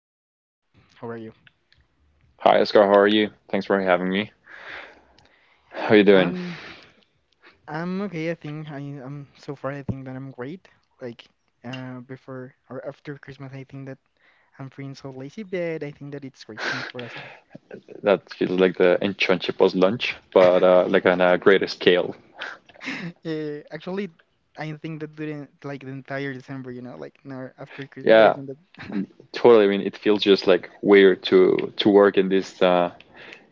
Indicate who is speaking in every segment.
Speaker 1: with so far? How are you?
Speaker 2: Hi, Oscar. How are you? Thanks for having me. How are you doing?
Speaker 1: Um, I'm okay. I think I am so far. I think that I'm great. Like, before or after Christmas, I think that I'm feeling so lazy, but I think that it's great. Thanks for asking.
Speaker 2: That feels like the internship was lunch, but like on a greater scale.
Speaker 1: Actually, I think that during like the entire December, you know, like now after Christmas, I
Speaker 2: Yeah,
Speaker 1: think that.
Speaker 2: totally. I mean, it feels just like weird to work in this,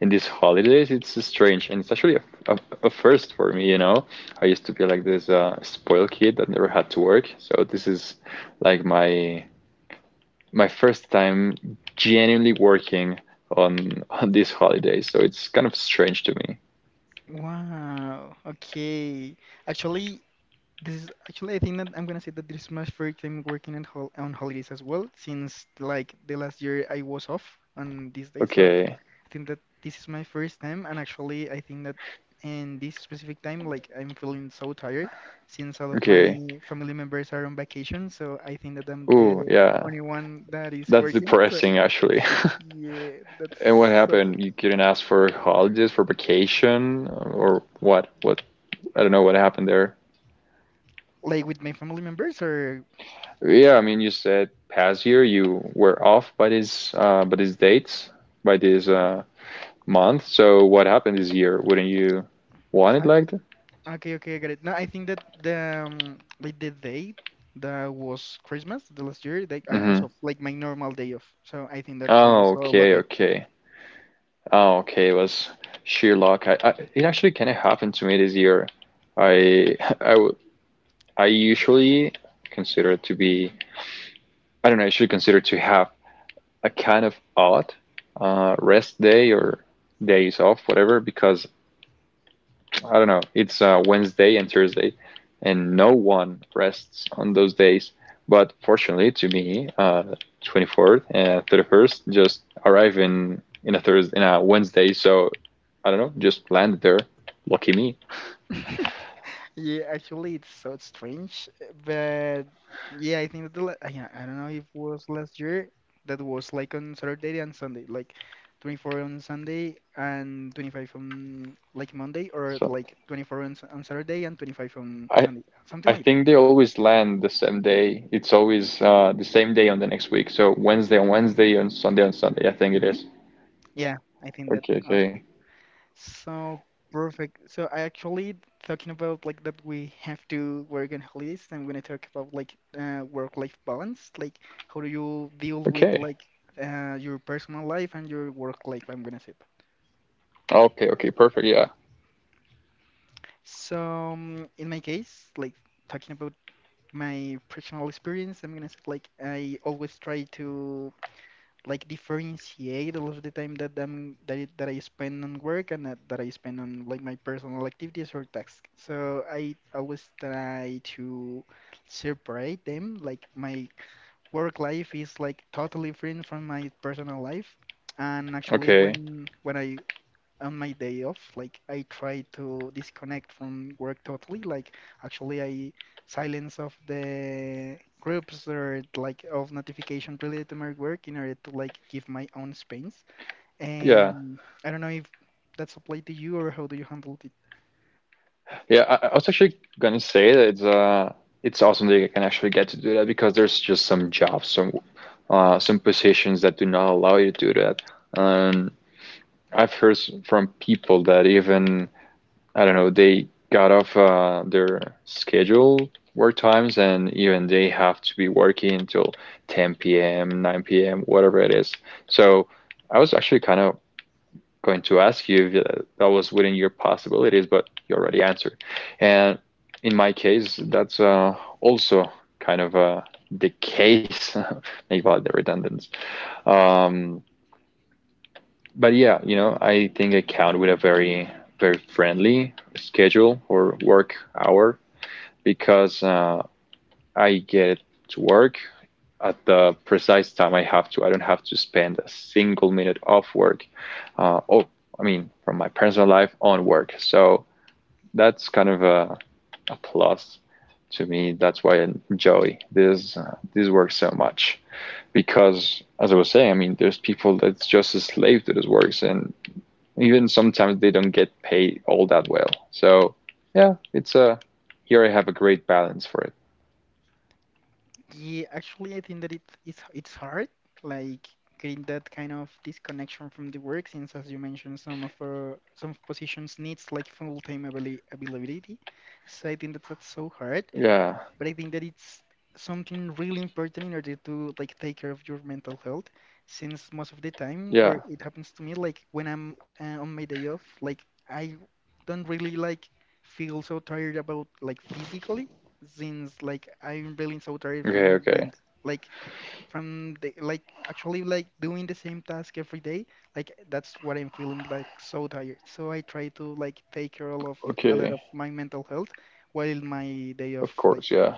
Speaker 2: in these holidays. It's strange, and it's actually a, a first for me. You know, I used to be like this spoiled kid that never had to work. So this is like my first time genuinely working on these holidays. So it's kind of strange to me.
Speaker 1: Wow. Okay. Actually, This is actually, I think that I'm gonna say that this is my first time working on holidays as well, since like the last year I was off on this day. So
Speaker 2: Okay,
Speaker 1: I think that this is my first time, and actually, I think that in this specific time, like I'm feeling so tired since all of my
Speaker 2: okay.
Speaker 1: family members are on vacation. So I think that I'm
Speaker 2: Ooh,
Speaker 1: the
Speaker 2: yeah,
Speaker 1: only one that is
Speaker 2: that's
Speaker 1: working. So
Speaker 2: depressing actually.
Speaker 1: yeah, that's
Speaker 2: And what
Speaker 1: so.
Speaker 2: happened? You couldn't ask for holidays, for vacation, or what? What? I don't know what happened there.
Speaker 1: Like with my family members, or
Speaker 2: Yeah, I mean, you said past year you were off by this, by these dates, by this month. So what happened this year? Wouldn't you want it like that?
Speaker 1: okay, okay, I got it. No, I think that the like the day that was Christmas the last year, like I was
Speaker 2: Mm-hmm.
Speaker 1: off, like my normal day off. So I think that I was
Speaker 2: Oh,
Speaker 1: so
Speaker 2: okay,
Speaker 1: lucky.
Speaker 2: okay. Oh, okay. It was sheer luck. It actually kind of happened to me this year. I, I, w- I usually consider it to be. I don't know, you should consider to have a kind of odd rest day or days off, whatever, because I don't know, it's Wednesday and Thursday, and no one rests on those days. But fortunately, to me, 24th and 31st just arrive in a Thursday, in a Wednesday, so I don't know, just landed there. Lucky me.
Speaker 1: Yeah, actually, it's so strange, but yeah, I think that I don't know if it was last year that was like on Saturday and Sunday, like 24 on Sunday and 25 on like Monday, or
Speaker 2: So
Speaker 1: like 24 on Saturday and 25 on
Speaker 2: I
Speaker 1: Sunday, something
Speaker 2: I
Speaker 1: like that.
Speaker 2: think they always land the same day. It's always the same day on the next week. So Wednesday on Wednesday and Sunday on Sunday, I think it
Speaker 1: Hmm.
Speaker 2: is.
Speaker 1: Yeah, I think that
Speaker 2: Okay,
Speaker 1: as
Speaker 2: okay.
Speaker 1: well. So perfect. So I actually talking about like that we have to work on holidays and when I talk about like work-life balance, like how do you deal with
Speaker 2: Okay.
Speaker 1: like your personal life and your work life, I'm gonna say that.
Speaker 2: Okay, okay, perfect. Yeah.
Speaker 1: So in my case, like talking about my personal experience, I'm gonna say like I always try to like differentiate a lot of the time that I spend on work and that I spend on like my personal activities or tasks. So I always try to separate them. Like my work life is like totally different from my personal life. And actually,
Speaker 2: Okay.
Speaker 1: when I on my day off, like I try to disconnect from work totally. Like actually, I silence off the groups or like of notification related to my work in order to like give my own space.
Speaker 2: Yeah.
Speaker 1: I don't know if that's applied to you or how do you handle it?
Speaker 2: Yeah, I was actually gonna say that it's awesome that you can actually get to do that because there's just some jobs, some positions that do not allow you to do that. And I've heard from people that even I don't know, they got off their schedule work times and even they have to be working until 10 p.m., 9 p.m., whatever it is. So I was actually kind of going to ask you if that was within your possibilities, but you already answered. And in my case, that's also kind of the case, maybe about the redundance. Um, but yeah, you know, I think I count with a very, very friendly schedule or work hour because I get to work at the precise time I have to. I don't have to spend a single minute off work. Uh, oh, I mean, from my personal life on work. So that's kind of a plus to me. That's why I enjoy this this work so much because, as I was saying, I mean, there's people that's just a slave to this works and even sometimes they don't get paid all that well. So yeah, it's a here I have a great balance for it.
Speaker 1: Yeah, actually, I think that it's hard, like getting that kind of disconnection from the work, since as you mentioned, some of our, some positions needs like availability. So I think that that's so hard.
Speaker 2: Yeah,
Speaker 1: But I think that it's something really important in order to like take care of your mental health, since most of the time, or
Speaker 2: yeah.
Speaker 1: it happens to me, like when I'm on my day off, like I don't really like feel so tired about like physically, since like I'm really so tired from
Speaker 2: Okay,
Speaker 1: my
Speaker 2: okay,
Speaker 1: mind, like from the like actually like doing the same task every day, like that's what I'm feeling like so tired. So I try to like take care of a lot
Speaker 2: okay.
Speaker 1: of my mental health while my day
Speaker 2: Of
Speaker 1: off, like.
Speaker 2: course, yeah,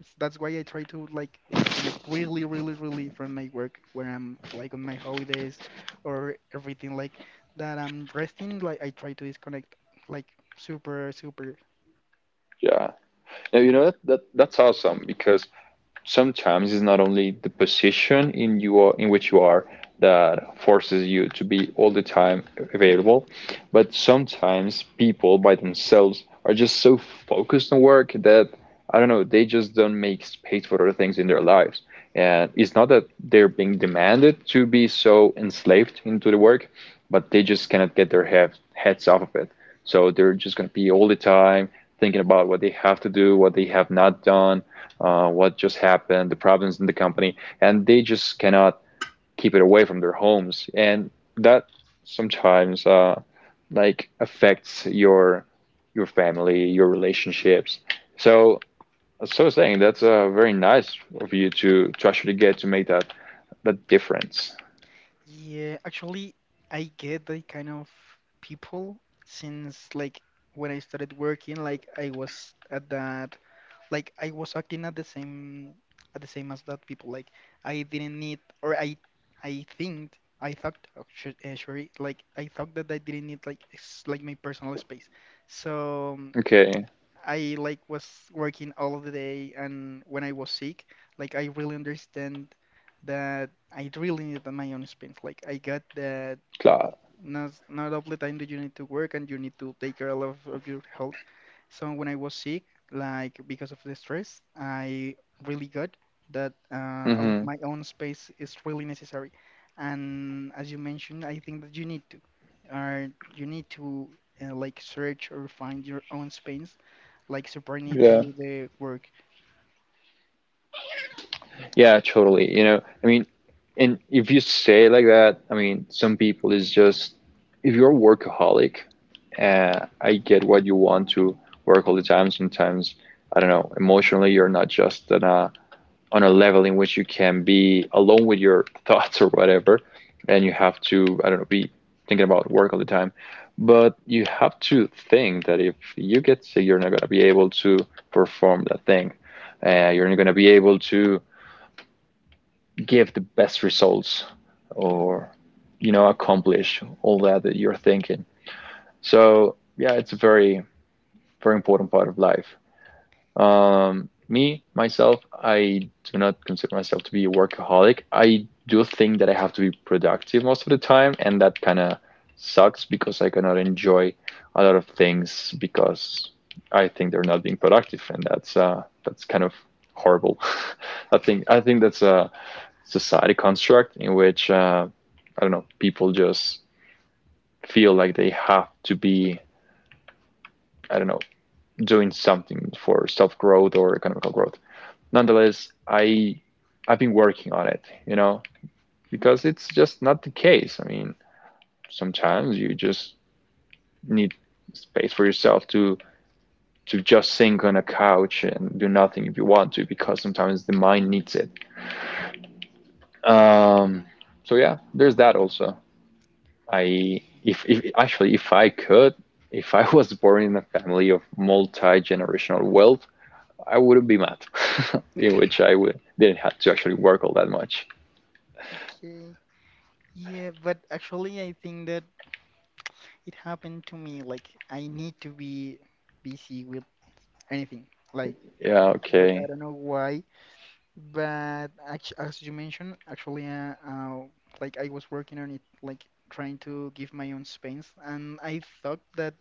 Speaker 1: That's why I try to like disconnect really, really, really from my work when I'm like on my holidays or everything like that I'm resting. Like I try to disconnect like super, super.
Speaker 2: yeah. Now you know that, that's awesome because sometimes it's not only the position, in which you are that forces you to be all the time available, but sometimes people by themselves are just so focused on work that I don't know, they just don't make space for other things in their lives. And it's not that they're being demanded to be so enslaved into the work, but they just cannot get their heads off of it. So they're just going to be all the time thinking about what they have to do, what they have not done, what just happened, the problems in the company, and they just cannot keep it away from their homes. And that sometimes like affects your family, your relationships. So so saying that's very nice of you to actually get to make that difference.
Speaker 1: Yeah, actually, I get that kind of people since like when I started working, like I was at that like I was acting at the same as that people. Like I didn't need, or I think I thought sorry, like I thought that I didn't need like my personal space. So
Speaker 2: Okay,
Speaker 1: I like was working all of the day, and when I was sick, like I really understand that I really needed my own space. Like I got the
Speaker 2: klar.
Speaker 1: not not all the time that you need to work and you need to take care of your health. So when I was sick, like because of the stress, I really got that all of
Speaker 2: Hmm.
Speaker 1: my own space is really necessary. And as you mentioned, I think that you need to, or you need to like search or find your own space, like separate
Speaker 2: Yeah.
Speaker 1: to the work.
Speaker 2: Yeah, totally. You know, I mean, and if you say it like that, I mean, some people is just, if you're a workaholic, I get what you want to work all the time. Sometimes, I don't know, emotionally, you're not just on a level in which you can be alone with your thoughts or whatever, and you have to, I don't know, be thinking about work all the time. But you have to think that if you get sick, you're not going to be able to perform that thing. You're not going to be able to give the best results or, you know, accomplish all that that you're thinking. So, yeah, it's a very, very important part of life. Me, myself, I do not consider myself to be a workaholic. I do think that I have to be productive most of the time, and that kind of sucks because I cannot enjoy a lot of things because I think they're not being productive, and that's kind of horrible. I think that's a society construct in which I don't know, people just feel like they have to be, I don't know, doing something for self-growth or economical growth nonetheless, I've been working on it, you know,
Speaker 1: Mhm.
Speaker 2: because it's just not the case. I mean, sometimes you just need space for yourself to just sink on a couch and do nothing if you want to, because sometimes the mind needs it. Um, so yeah, there's that also. I if actually if I could, if I was born in a family of multi-generational wealth, I wouldn't be mad, in which I would didn't have to actually work all that much.
Speaker 1: Okay. Yeah, but actually, I think that it happened to me like I need to be busy with anything. Like,
Speaker 2: Yeah,
Speaker 1: but I
Speaker 2: okay.
Speaker 1: don't know why. But as you mentioned, actually, like I was working on it, like trying to give my own space, and I thought that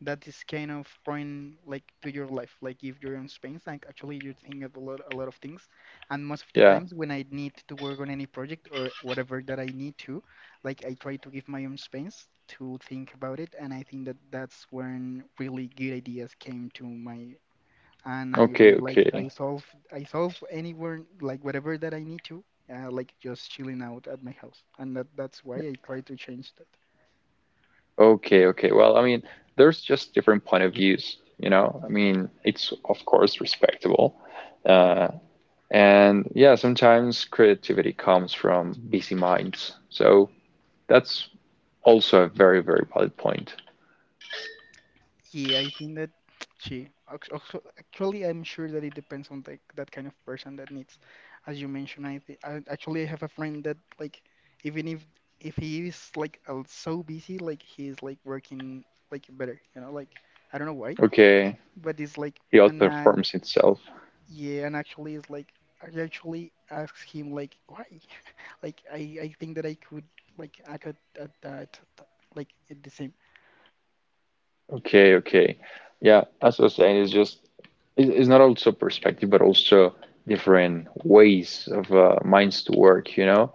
Speaker 1: that is kind of foreign, like to your life, like give your own space. And actually, you think of a lot of things. And most of the
Speaker 2: Yeah.
Speaker 1: times, when I need to work on any project or whatever that I need to, like I try to give my own space to think about it, and I think that that's when really good ideas came to my and I
Speaker 2: Okay,
Speaker 1: really like
Speaker 2: okay.
Speaker 1: I solve anywhere like whatever that I need to, like just chilling out at my house, and that that's why I try to change that.
Speaker 2: Okay, okay. Well, I mean, there's just different point of views, you know? I mean, it's of course respectable. Uh, and yeah, sometimes creativity comes from busy minds. So that's also a very, very valid point.
Speaker 1: Yeah, I think that actually I'm sure that it depends on the that kind of person that needs. As you mentioned, I actually I have a friend that like even if he is like so busy, like he is like working like better, you know, like I don't know why,
Speaker 2: Okay,
Speaker 1: but it's like
Speaker 2: he
Speaker 1: and I
Speaker 2: outperforms itself.
Speaker 1: yeah, and actually, it's like I actually asked him like why, like I think that I could like I could that like it the same.
Speaker 2: Okay, okay. Yeah, as I was saying, it's just it's not also perspective, but also different ways of minds to work, you know?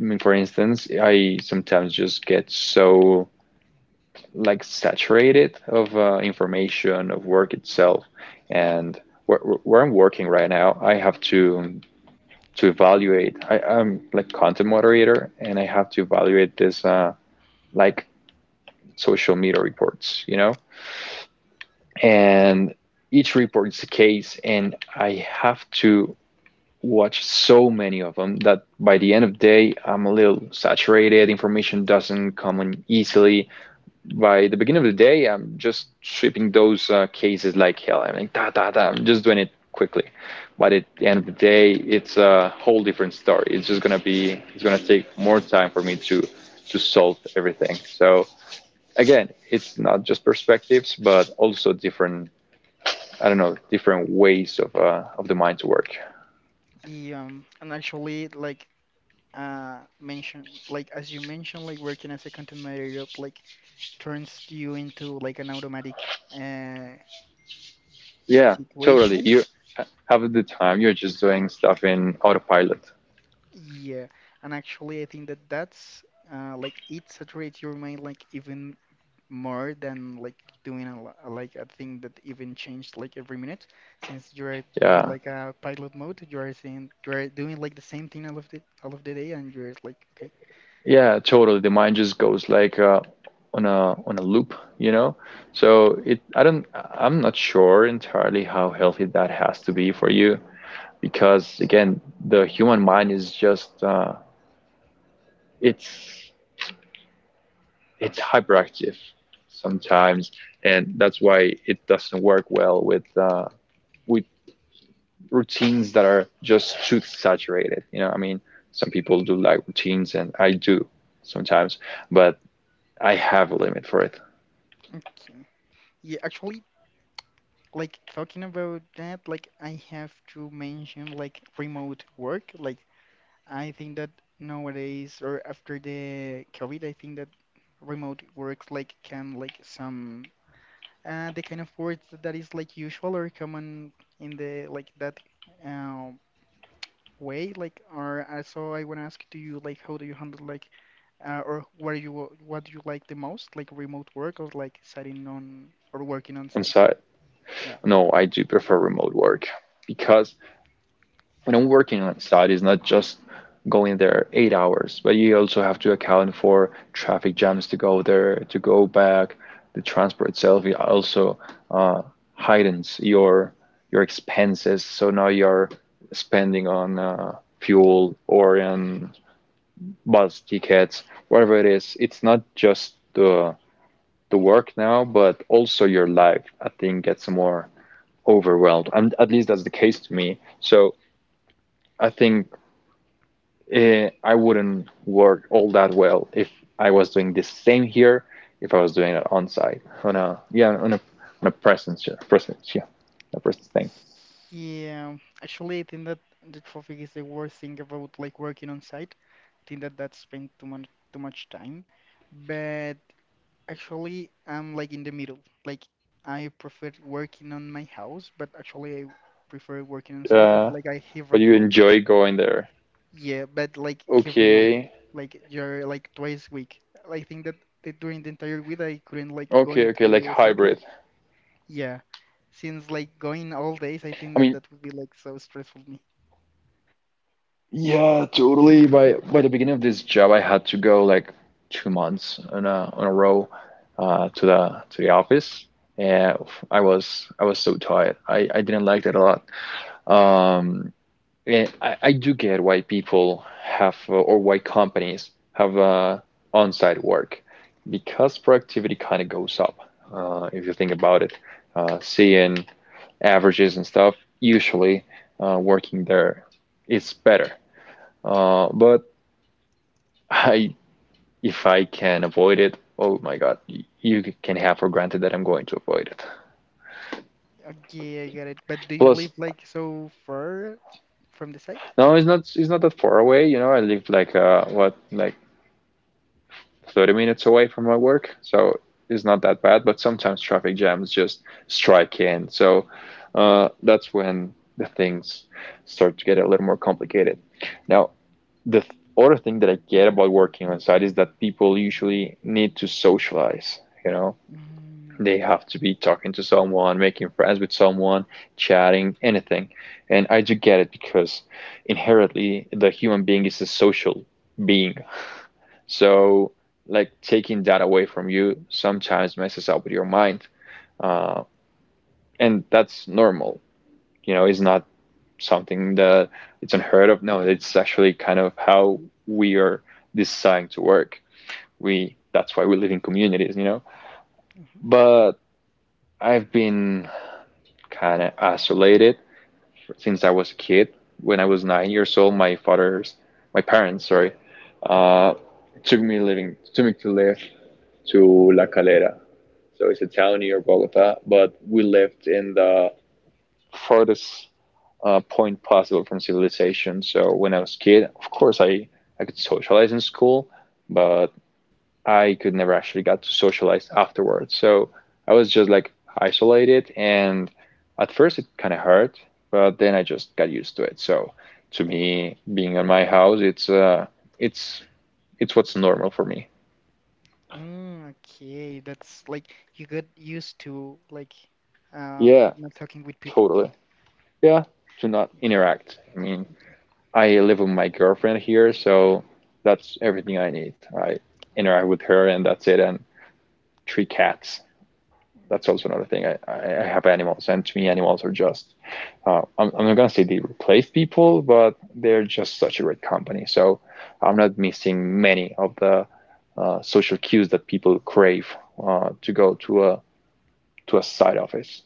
Speaker 2: I mean, for instance, I sometimes just get so like saturated of information of work itself, and where I'm working right now, I have to evaluate. I'm like content moderator, and I have to evaluate this like social media reports, you know,
Speaker 1: He,
Speaker 2: and each report is a case, and I have to watch so many of them that by the end of the day, I'm a little saturated. Information doesn't come in easily by the beginning of the day, I'm just shipping those cases like hell. I'm like, da, da, da. I'm just doing it quickly. But at the end of the day, it's a whole different story. It's just gonna be, it's gonna take more time for me to solve everything. So again, it's not just perspectives, but also different, I don't know, different ways of the mind to work.
Speaker 1: he and actually like mention like as you mentioned like working as a content moderator like turns you into like an automatic
Speaker 2: Yeah, totally.
Speaker 1: situation.
Speaker 2: You have the time you're just doing stuff in autopilot.
Speaker 1: Yeah, and actually I think that that's like it saturates your mind like even more than like doing a, like a thing that even changed like every minute. Since you're in
Speaker 2: Yeah,
Speaker 1: like a pilot mode, you are seeing you are doing like the same thing all of the day, and you're like, okay,
Speaker 2: yeah, totally. The mind just goes like on a loop, you know? So it I don't I'm not sure entirely how healthy that has to be for you because again, the human mind is just it's it's hyperactive sometimes, and that's why it doesn't work well with with routines that are just too saturated. You know, I mean, some people do like routines, and I do sometimes, but I have a limit for it.
Speaker 1: okay. Yeah, actually, like talking about that, like I have to mention like remote work. Like I think that nowadays or after the COVID, I think that remote works like can like some the kind of words that is like usual or common in the like that um, way like or so I want to ask to you like how do you handle like or what you what do you like the most like remote work or like sitting on or working on
Speaker 2: I'm
Speaker 1: site
Speaker 2: sorry.
Speaker 1: yeah
Speaker 2: No, I do prefer remote work because when I'm working on site, it's not just going there 8 hours, but you also have to account for traffic jams to go there, to go back. The transport itself it also uh, heightens your expenses. So now you're spending on fuel or on bus tickets, whatever it is. It's not just the work now, but also your life. I think gets more overwhelmed. And at least that's the case to me. So I think I wouldn't work all that well if I was doing the same here, if I was doing it on site on a yeah on a presence, a presence thing.
Speaker 1: yeah actually I think that the traffic is the worst thing about like working on site I think that that spend too much time but actually, I'm like in the middle. Like I prefer working on my house, but actually I prefer working
Speaker 2: Uh,
Speaker 1: inside. Like I
Speaker 2: but you
Speaker 1: hybrid mode.
Speaker 2: enjoy going there.
Speaker 1: Yeah, but like hybrid
Speaker 2: Okay,
Speaker 1: mode. Like you're like twice week. I think that during the entire week I couldn't like
Speaker 2: okay,
Speaker 1: going
Speaker 2: okay, like
Speaker 1: to site.
Speaker 2: hybrid.
Speaker 1: Like yeah, since like going all days, I
Speaker 2: I
Speaker 1: think that
Speaker 2: mean,
Speaker 1: that would be like so stressful me.
Speaker 2: yeah, totally. By the beginning of this job, I had to go like 2 months on a row to the office, and I was so tired. I didn't like that a lot. Um, and I do get why people have or why companies have on-site work because productivity kind of goes up if you think about it. Seeing averages and stuff, usually working there, it's better, but I, if I can avoid it, oh my God, you can have for granted that I'm going to avoid it.
Speaker 1: Okay, I get it. But do you
Speaker 2: Plus,
Speaker 1: live like so far from the site?
Speaker 2: no, it's not. It's not that far away. I live like what, like 30 minutes away from my work, so it's not that bad. But sometimes traffic jams just strike in, so that's when the things start to get a little more complicated. Now, the th- other thing that I get about working on site is that people usually need to socialize. You know,
Speaker 1: Mm,
Speaker 2: they have to be talking to someone, making friends with someone, chatting, anything. And I do get it because inherently the human being is a social being. So, like, taking that away from you sometimes messes up with your mind. Uh, and that's normal. It's not something that it's unheard of. No, it's actually kind of how we are designed to work. We that's why we live in communities. But I've been kind of isolated since I was a kid. When I was nine years old, my parents, sorry, uh, took me to live to La Calera. So it's a town near Bogota, but we lived in the farthest point possible from civilization. So when I was a kid, of course, I could socialize in school, but I could never actually got to socialize afterwards. So I was just like isolated, and at first it kind of hurt, but then I just got used to it. So to me, being in my house, it's it's what's normal for me.
Speaker 1: mm, okay, that's like you got used to
Speaker 2: Yeah,
Speaker 1: like not talking with people.
Speaker 2: totally. Yeah, to not interact. I mean, I live with my girlfriend here, so that's everything I need. I interact with her, and that's it. And three cats. That's also another thing. I have animals, and to me, animals are just, I'm not gonna say they replace people, but they're just such a great company. So I'm not missing many of the social cues that people crave to go to a side office.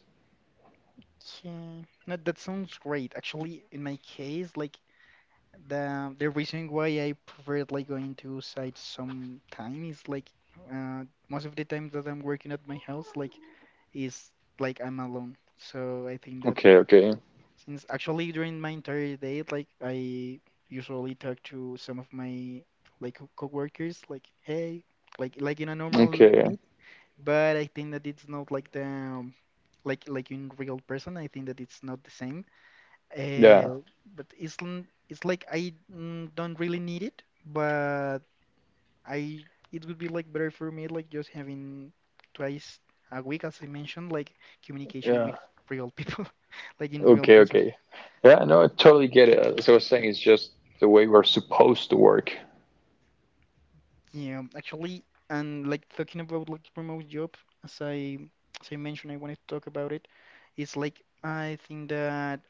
Speaker 1: Okay, no, that sounds great. Actually, in my case, like the reason why I prefer like going to sites some time is like uh most of the time that I'm working at my house like is like I'm alone. So I think that
Speaker 2: Okay, okay,
Speaker 1: since actually during my entire day, like I usually talk to some of my like coworkers, like hey, like in a normal
Speaker 2: okay.
Speaker 1: meet. But I think that it's not like the like in real person. I think that it's not the same.
Speaker 2: Yeah,
Speaker 1: Uh, but it's like I mm, don't really need it, but I it would be like better for me like just having twice a week, as I mentioned, like communication
Speaker 2: yeah.
Speaker 1: with real people, like in real
Speaker 2: Okay,
Speaker 1: person.
Speaker 2: okay. Yeah, no, I totally get it. As I was saying, it's just the way we're supposed to work.
Speaker 1: Yeah, actually, and like talking about like remote job, as I as I mentioned, I wanted to talk about it. It's like I think that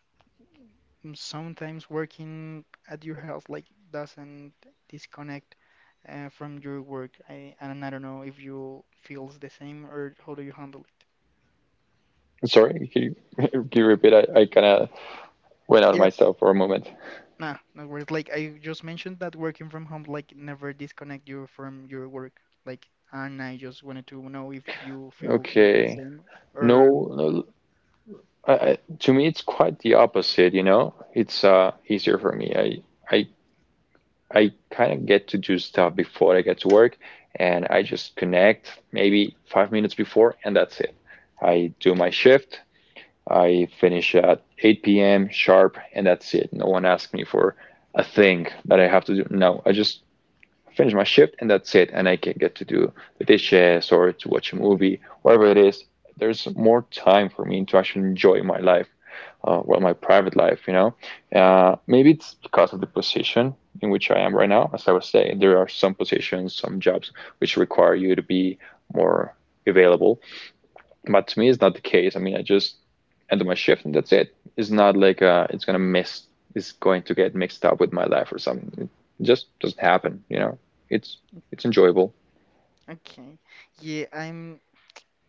Speaker 1: mm, sometimes working at your house like doesn't disconnect from your work. I and I don't know if you feels the same or how do you handle it?
Speaker 2: Sorry, can you, can you repeat? I kind of went out of
Speaker 1: Yeah,
Speaker 2: myself for a moment.
Speaker 1: nah, no worries. Like I just mentioned that working from home like never disconnect you from your work. Like, and I just wanted to know if you feel like the
Speaker 2: Okay.
Speaker 1: same.
Speaker 2: No,
Speaker 1: Or.
Speaker 2: no, to me it's quite the opposite. It's easier for me. I kind of get to do stuff before I get to work, and I just connect maybe five minutes before and that's it. I do my shift. I finish at 8 p.m. sharp and that's it. No one asks me for a thing that I have to do. No, I just finish my shift and that's it, and I can get to do the dishes or to watch a movie, whatever it is. There's more time for me to actually enjoy my life, well my private life. Maybe it's because of the position in which I am right now. As I was saying, there are some positions, some jobs which require you to be more available, but to me, it's not the case. I mean, I just end my shift and that's it. It's not like it's gonna mess. It's going to get mixed up with my life or something. It just doesn't happen. It's it's enjoyable.
Speaker 1: Okay. Yeah, I'm.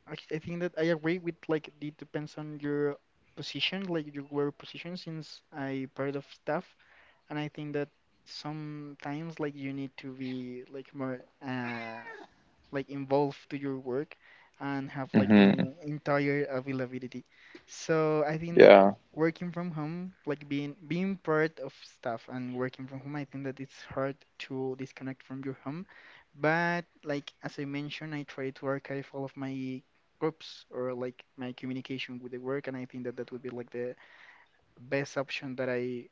Speaker 1: I think that I agree with, like, it depends on your position, like your work position, since I part of staff, and I think that sometimes like you need to be like more like involved to your work and have like
Speaker 2: Hmm.
Speaker 1: the entire availability. So I think that
Speaker 2: Yeah.
Speaker 1: working from home, like being part of staff and working from home, I think that it's hard to disconnect from your home. But like as I mentioned, I try to archive all of my groups or like my communication with the work, and I think that that would be like the best option that I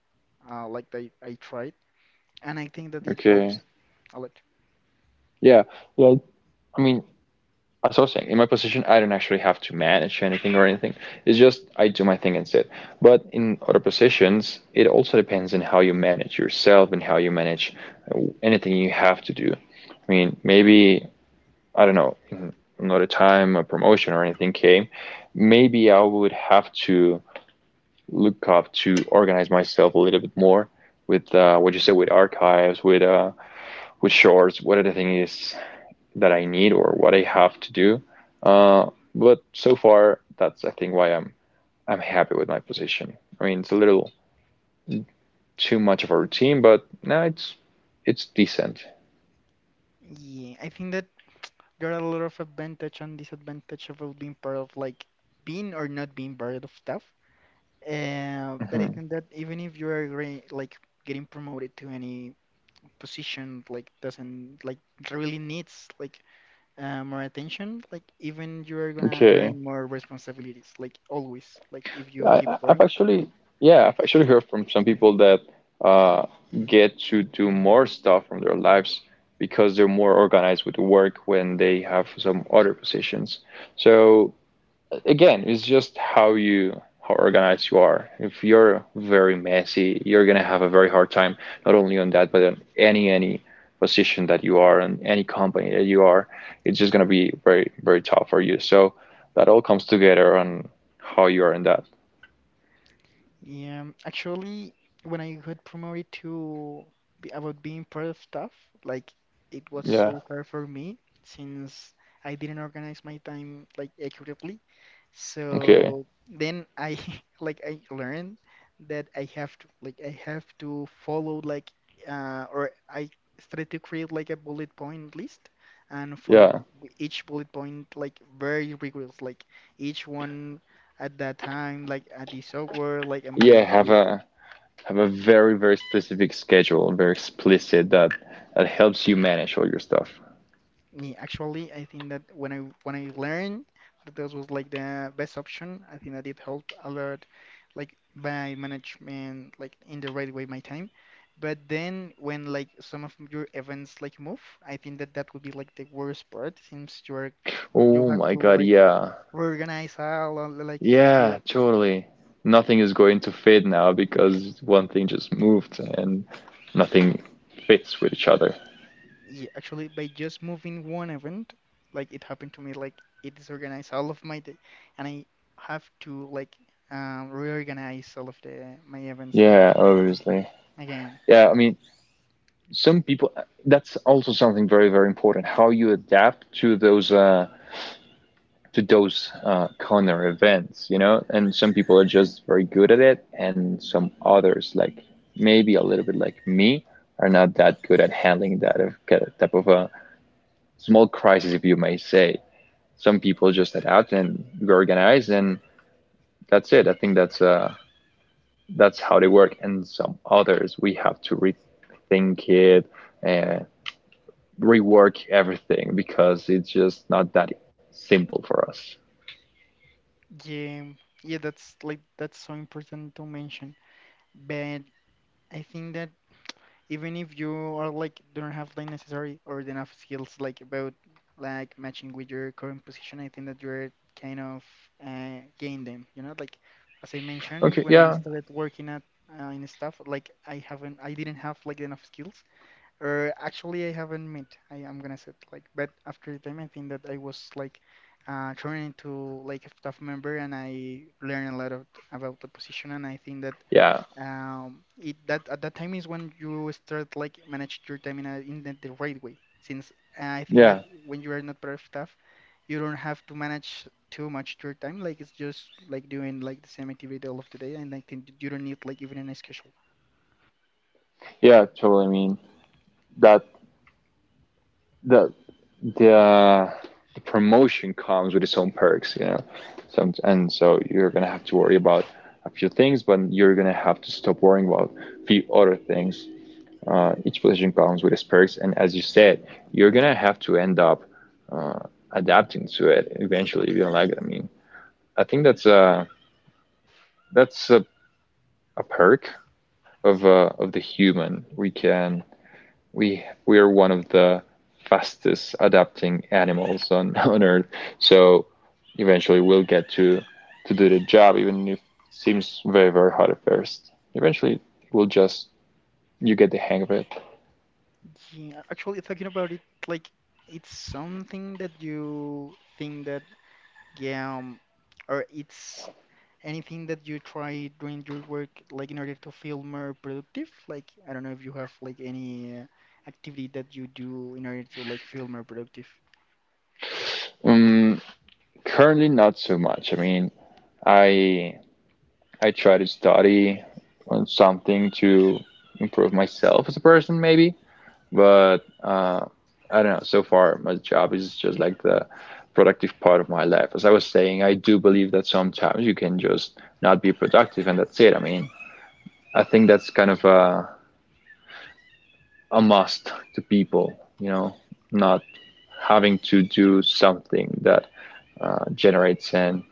Speaker 1: like that I tried, and I think that it helps
Speaker 2: Okay.
Speaker 1: a lot.
Speaker 2: Yeah. Well, I mean, as I was saying, in my position, I don't actually have to manage anything or anything. It's just I do my thing and sit. But in other positions, it also depends on how you manage yourself and how you manage anything you have to do. I mean, maybe I don't know, in another time, a promotion or anything came, maybe I would have to look up to organize myself a little bit more with what you said with archives, with shorts, what are thing is that I need or what I have to do. Uh, but so far, that's I think why I'm happy with my position. I mean, it's a little too much of a routine, but no, it's decent.
Speaker 1: Yeah, I think that there are a lot of advantage and disadvantage about being part of like being or not being part of stuff. But I
Speaker 2: Hmm.
Speaker 1: think that even if you are like getting promoted to any position, like doesn't like really needs like more attention. Like even you are gonna earn
Speaker 2: Okay.
Speaker 1: more responsibilities. Like always. Like if you keep
Speaker 2: Have
Speaker 1: growing,
Speaker 2: actually, yeah, I've actually heard from some people that uh, get to do more stuff from their lives because they're more organized with work when they have some other positions. So again, it's just how organized you are. If you're very messy, you're gonna have a very hard time not only on that, but on any position that you are and any company that you are. It's just gonna be very very tough for you. So that all comes together on how you are in that.
Speaker 1: yeah, actually, when I got promoted to be about being part of staff, like it was
Speaker 2: Yeah.
Speaker 1: so hard for me since I didn't organize my time like accurately.
Speaker 2: Okay.
Speaker 1: So then I like I learned that I have to like I have to follow like or I started to create like a bullet point list and follow
Speaker 2: Yeah.
Speaker 1: each bullet point like very rigorous, like each one at that time, like at the software, like I'm
Speaker 2: Yeah,
Speaker 1: gonna
Speaker 2: have
Speaker 1: this. Like,
Speaker 2: a very, very specific schedule, very explicit that that helps you manage all your stuff.
Speaker 1: me actually, I think that when I learned that this was like the best option, I think that it helped a lot, like by management, like in the right way my time. But then when like some of your events like move, I think that that would be like the worst part since you're you
Speaker 2: Oh
Speaker 1: have
Speaker 2: my
Speaker 1: to
Speaker 2: God,
Speaker 1: like
Speaker 2: yeah.
Speaker 1: reorganize all of, like
Speaker 2: Yeah, totally. Nothing is going to fit now because one thing just moved and nothing fits with each other.
Speaker 1: yeah, actually, by just moving one event, like it happened to me, like it disorganized all of my day, and I have to like reorganize all of the my events like
Speaker 2: Yeah, obviously.
Speaker 1: again.
Speaker 2: Yeah, I mean, some people, that's also something very, very important, how you adapt to those corner events, you know? And some people are just very good at it, and some others, like maybe a little bit like me, are not that good at handling that type of a small crisis, if you may say. Some people just head out and we organize, and that's it. I think that's how they work. And some others, we have to rethink it and rework everything because it's just not that simple for us.
Speaker 1: Yeah, yeah, that's like that's so important to mention. But I think that even if you are like don't have the necessary or the enough skills like about like matching with your current position, I think that you're kind of gain them, you know, like as I mentioned
Speaker 2: Okay.
Speaker 1: when I
Speaker 2: Yeah.
Speaker 1: started working at in stuff like I haven't I didn't have like enough skills or actually I haven't met I am gonna say it, like but after the time I think that I was like turned into like a staff member and I learned a lot of, about the position and I think that
Speaker 2: Yeah.
Speaker 1: it that at that time is when you start like manage your time in a, in the right way. Since I think that
Speaker 2: Yeah.
Speaker 1: when you are not part of staff, you don't have to manage too much your time. Like it's just like doing like the same activity all of the day, and I think you don't need like even a schedule.
Speaker 2: Yeah. Totally. I mean, that the the the promotion comes with its own perks, you know. So and so you're gonna have to worry about a few things, but you're gonna have to stop worrying about a few other things. Each position comes with its perks, and as you said, you're gonna have to end up uh, adapting to it eventually if you don't like it. I mean, I think that's that's a perk of the human. We are one of the fastest adapting animals on on Earth. So eventually we'll get to do the job, even if it seems very very hard at first. Eventually we'll just you get the hang of it.
Speaker 1: Yeah, actually, thinking about it, like it's something that you think that yeah, um, or it's anything that you try doing your work, like in order to feel more productive. Like I don't know if you have like any activity that you do in order to like feel more productive.
Speaker 2: Um, currently not so much. I mean, I I try to study on something to improve myself as a person maybe. But I don't know. So far, my job is just like the productive part of my life. As I was saying, I do believe that sometimes you can just not be productive, and that's it. I mean, I think that's kind of a must to people, you know, not having to do something that generates an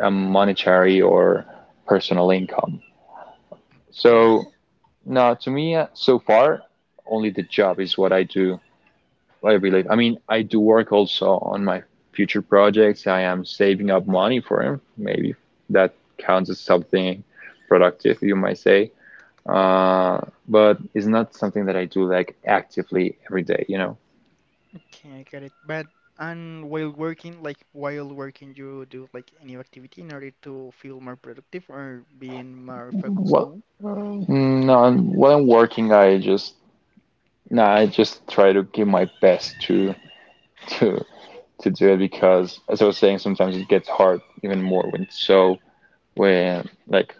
Speaker 2: a monetary or personal income.
Speaker 1: Okay,
Speaker 2: So, no, to me, so far, only the job is what I do I believe. I mean, I do work also on my future projects. I am saving up money for them. Maybe that counts as something productive, you might say. Uh, but it's not something that I do like actively every day, you know.
Speaker 1: okay, I got it. But and while working, like while working, you do like any activity in order to feel more productive or being more focused
Speaker 2: Well,
Speaker 1: on.
Speaker 2: No, I'm working, I just no, I just try to give my best to to to do it because, as I was saying, sometimes it gets hard even more when it's so when like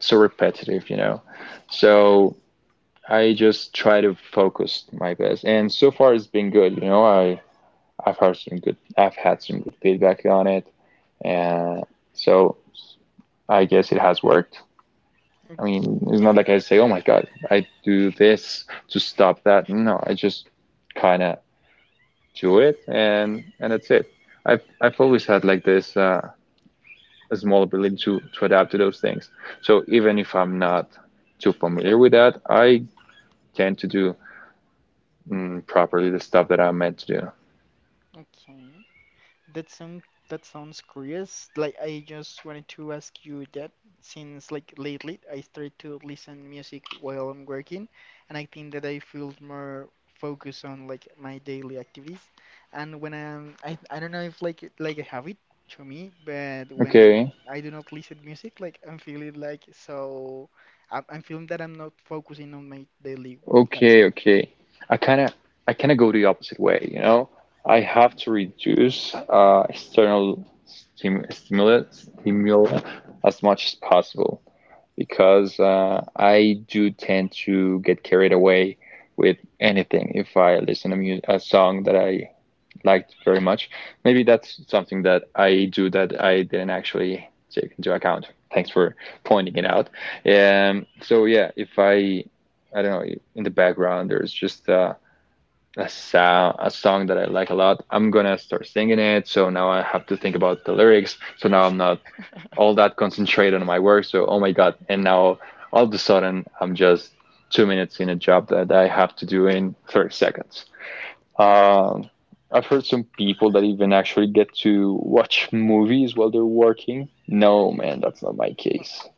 Speaker 2: so repetitive, you know. So. I just try to focus my best, and so far it's been good. I've had some good feedback on it, and so I guess it has worked. I mean,
Speaker 1: Okay,
Speaker 2: it's not like I say, "Oh my God, I do this to stop that." No, I just kind of do it, and that's it. I've always had like this a small ability to adapt to those things. So even if I'm not too familiar with that, I tend to do properly the stuff that I'm meant to do.
Speaker 1: okay. That sound that sounds curious. Like I just wanted to ask you that since like lately I started to listen music while I'm working, and I think that I feel more focused on like my daily activities. And when I don't know if like like a habit to me, but when
Speaker 2: Okay,
Speaker 1: I do not listen music, like I'm feeling like so I'm feeling that I'm not focusing on my daily task.
Speaker 2: okay, okay. I kind of I kind of go the opposite way, you know. I have to reduce external stimuli as much as possible because I do tend to get carried away with anything if I listen to mu a song that I liked very much. Maybe that's something that I do that I didn't actually take into account. Thanks for pointing it out. So yeah, if I, I don't know, in the background there's just a sound, a song that I like a lot. I'm gonna start singing it. So now I have to think about the lyrics. So now I'm not all that concentrated on my work. So oh my god, and now all of a sudden I'm just two minutes in a job that I have to do in 30 seconds. Um, I've heard some people that even actually get to watch movies while they're working. No, man, that's not my case.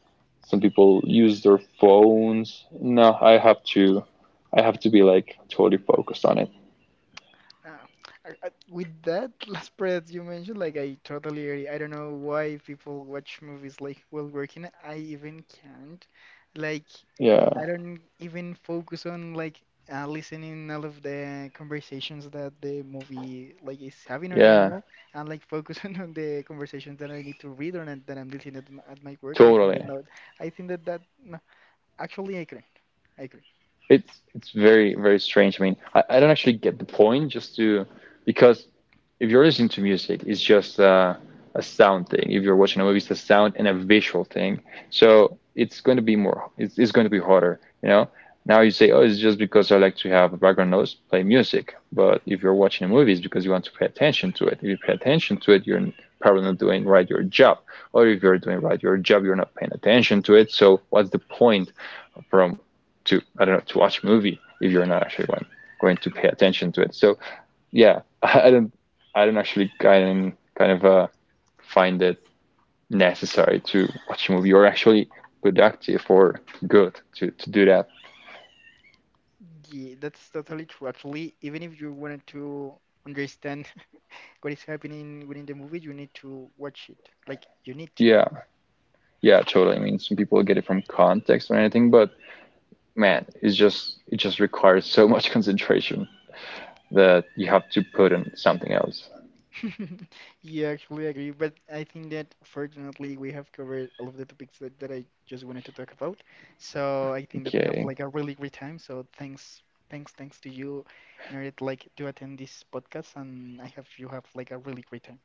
Speaker 2: Some people use their phones. No, I have to be like totally focused on it.
Speaker 1: Uh, with that last part you mentioned, like I totally agree. I don't know why people watch movies like while working. I even can't. Like
Speaker 2: Yeah,
Speaker 1: I don't even focus on like listening all of the conversations that the movie like is having, or I don't
Speaker 2: yeah,
Speaker 1: know, and like focus on the conversations that I need to read or not, that I'm listening at my work. I think
Speaker 2: totally.
Speaker 1: that not. I think that that no. Actually, I can't. I agree.
Speaker 2: It's very very strange. I mean, I don't actually get the point just to because if you're listening to music, it's just a sound thing. If you're watching a movie, it's a sound and a visual thing. So it's going to be more it's going to be harder, you know. Now you say, oh, it's just because I like to have a background noise, play music. But if you're watching a movie, it's because you want to pay attention to it. If you pay attention to it, you're probably not doing right your job. Or if you're doing right your job, you're not paying attention to it. So what's the point? From to I don't know, to watch a movie if you're not actually one, going to pay attention to it. So yeah, I don't actually kind of find it necessary to watch a movie or actually productive or good to do that.
Speaker 1: Yeah, that's totally true. Actually, even if you wanted to understand what is happening within the movie, you need to watch it. Like, you need to.
Speaker 2: Yeah, yeah, totally. I mean, some people get it from context or anything, but man, it's just it just requires so much concentration that you have to put in something else.
Speaker 1: Yeah, actually, I agree. But I think that fortunately, we have covered all of the topics that, that I just wanted to talk about. So I think that we have
Speaker 2: Okay.
Speaker 1: like a really great time. So thanks to you in order to like to attend this podcast, and I have you have like a really great time.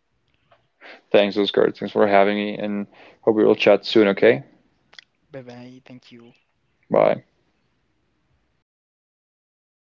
Speaker 2: Thanks, Oscar. Thanks for having me, and hope we will chat soon. Okay.
Speaker 1: Bye bye. Thank you.
Speaker 2: Bye.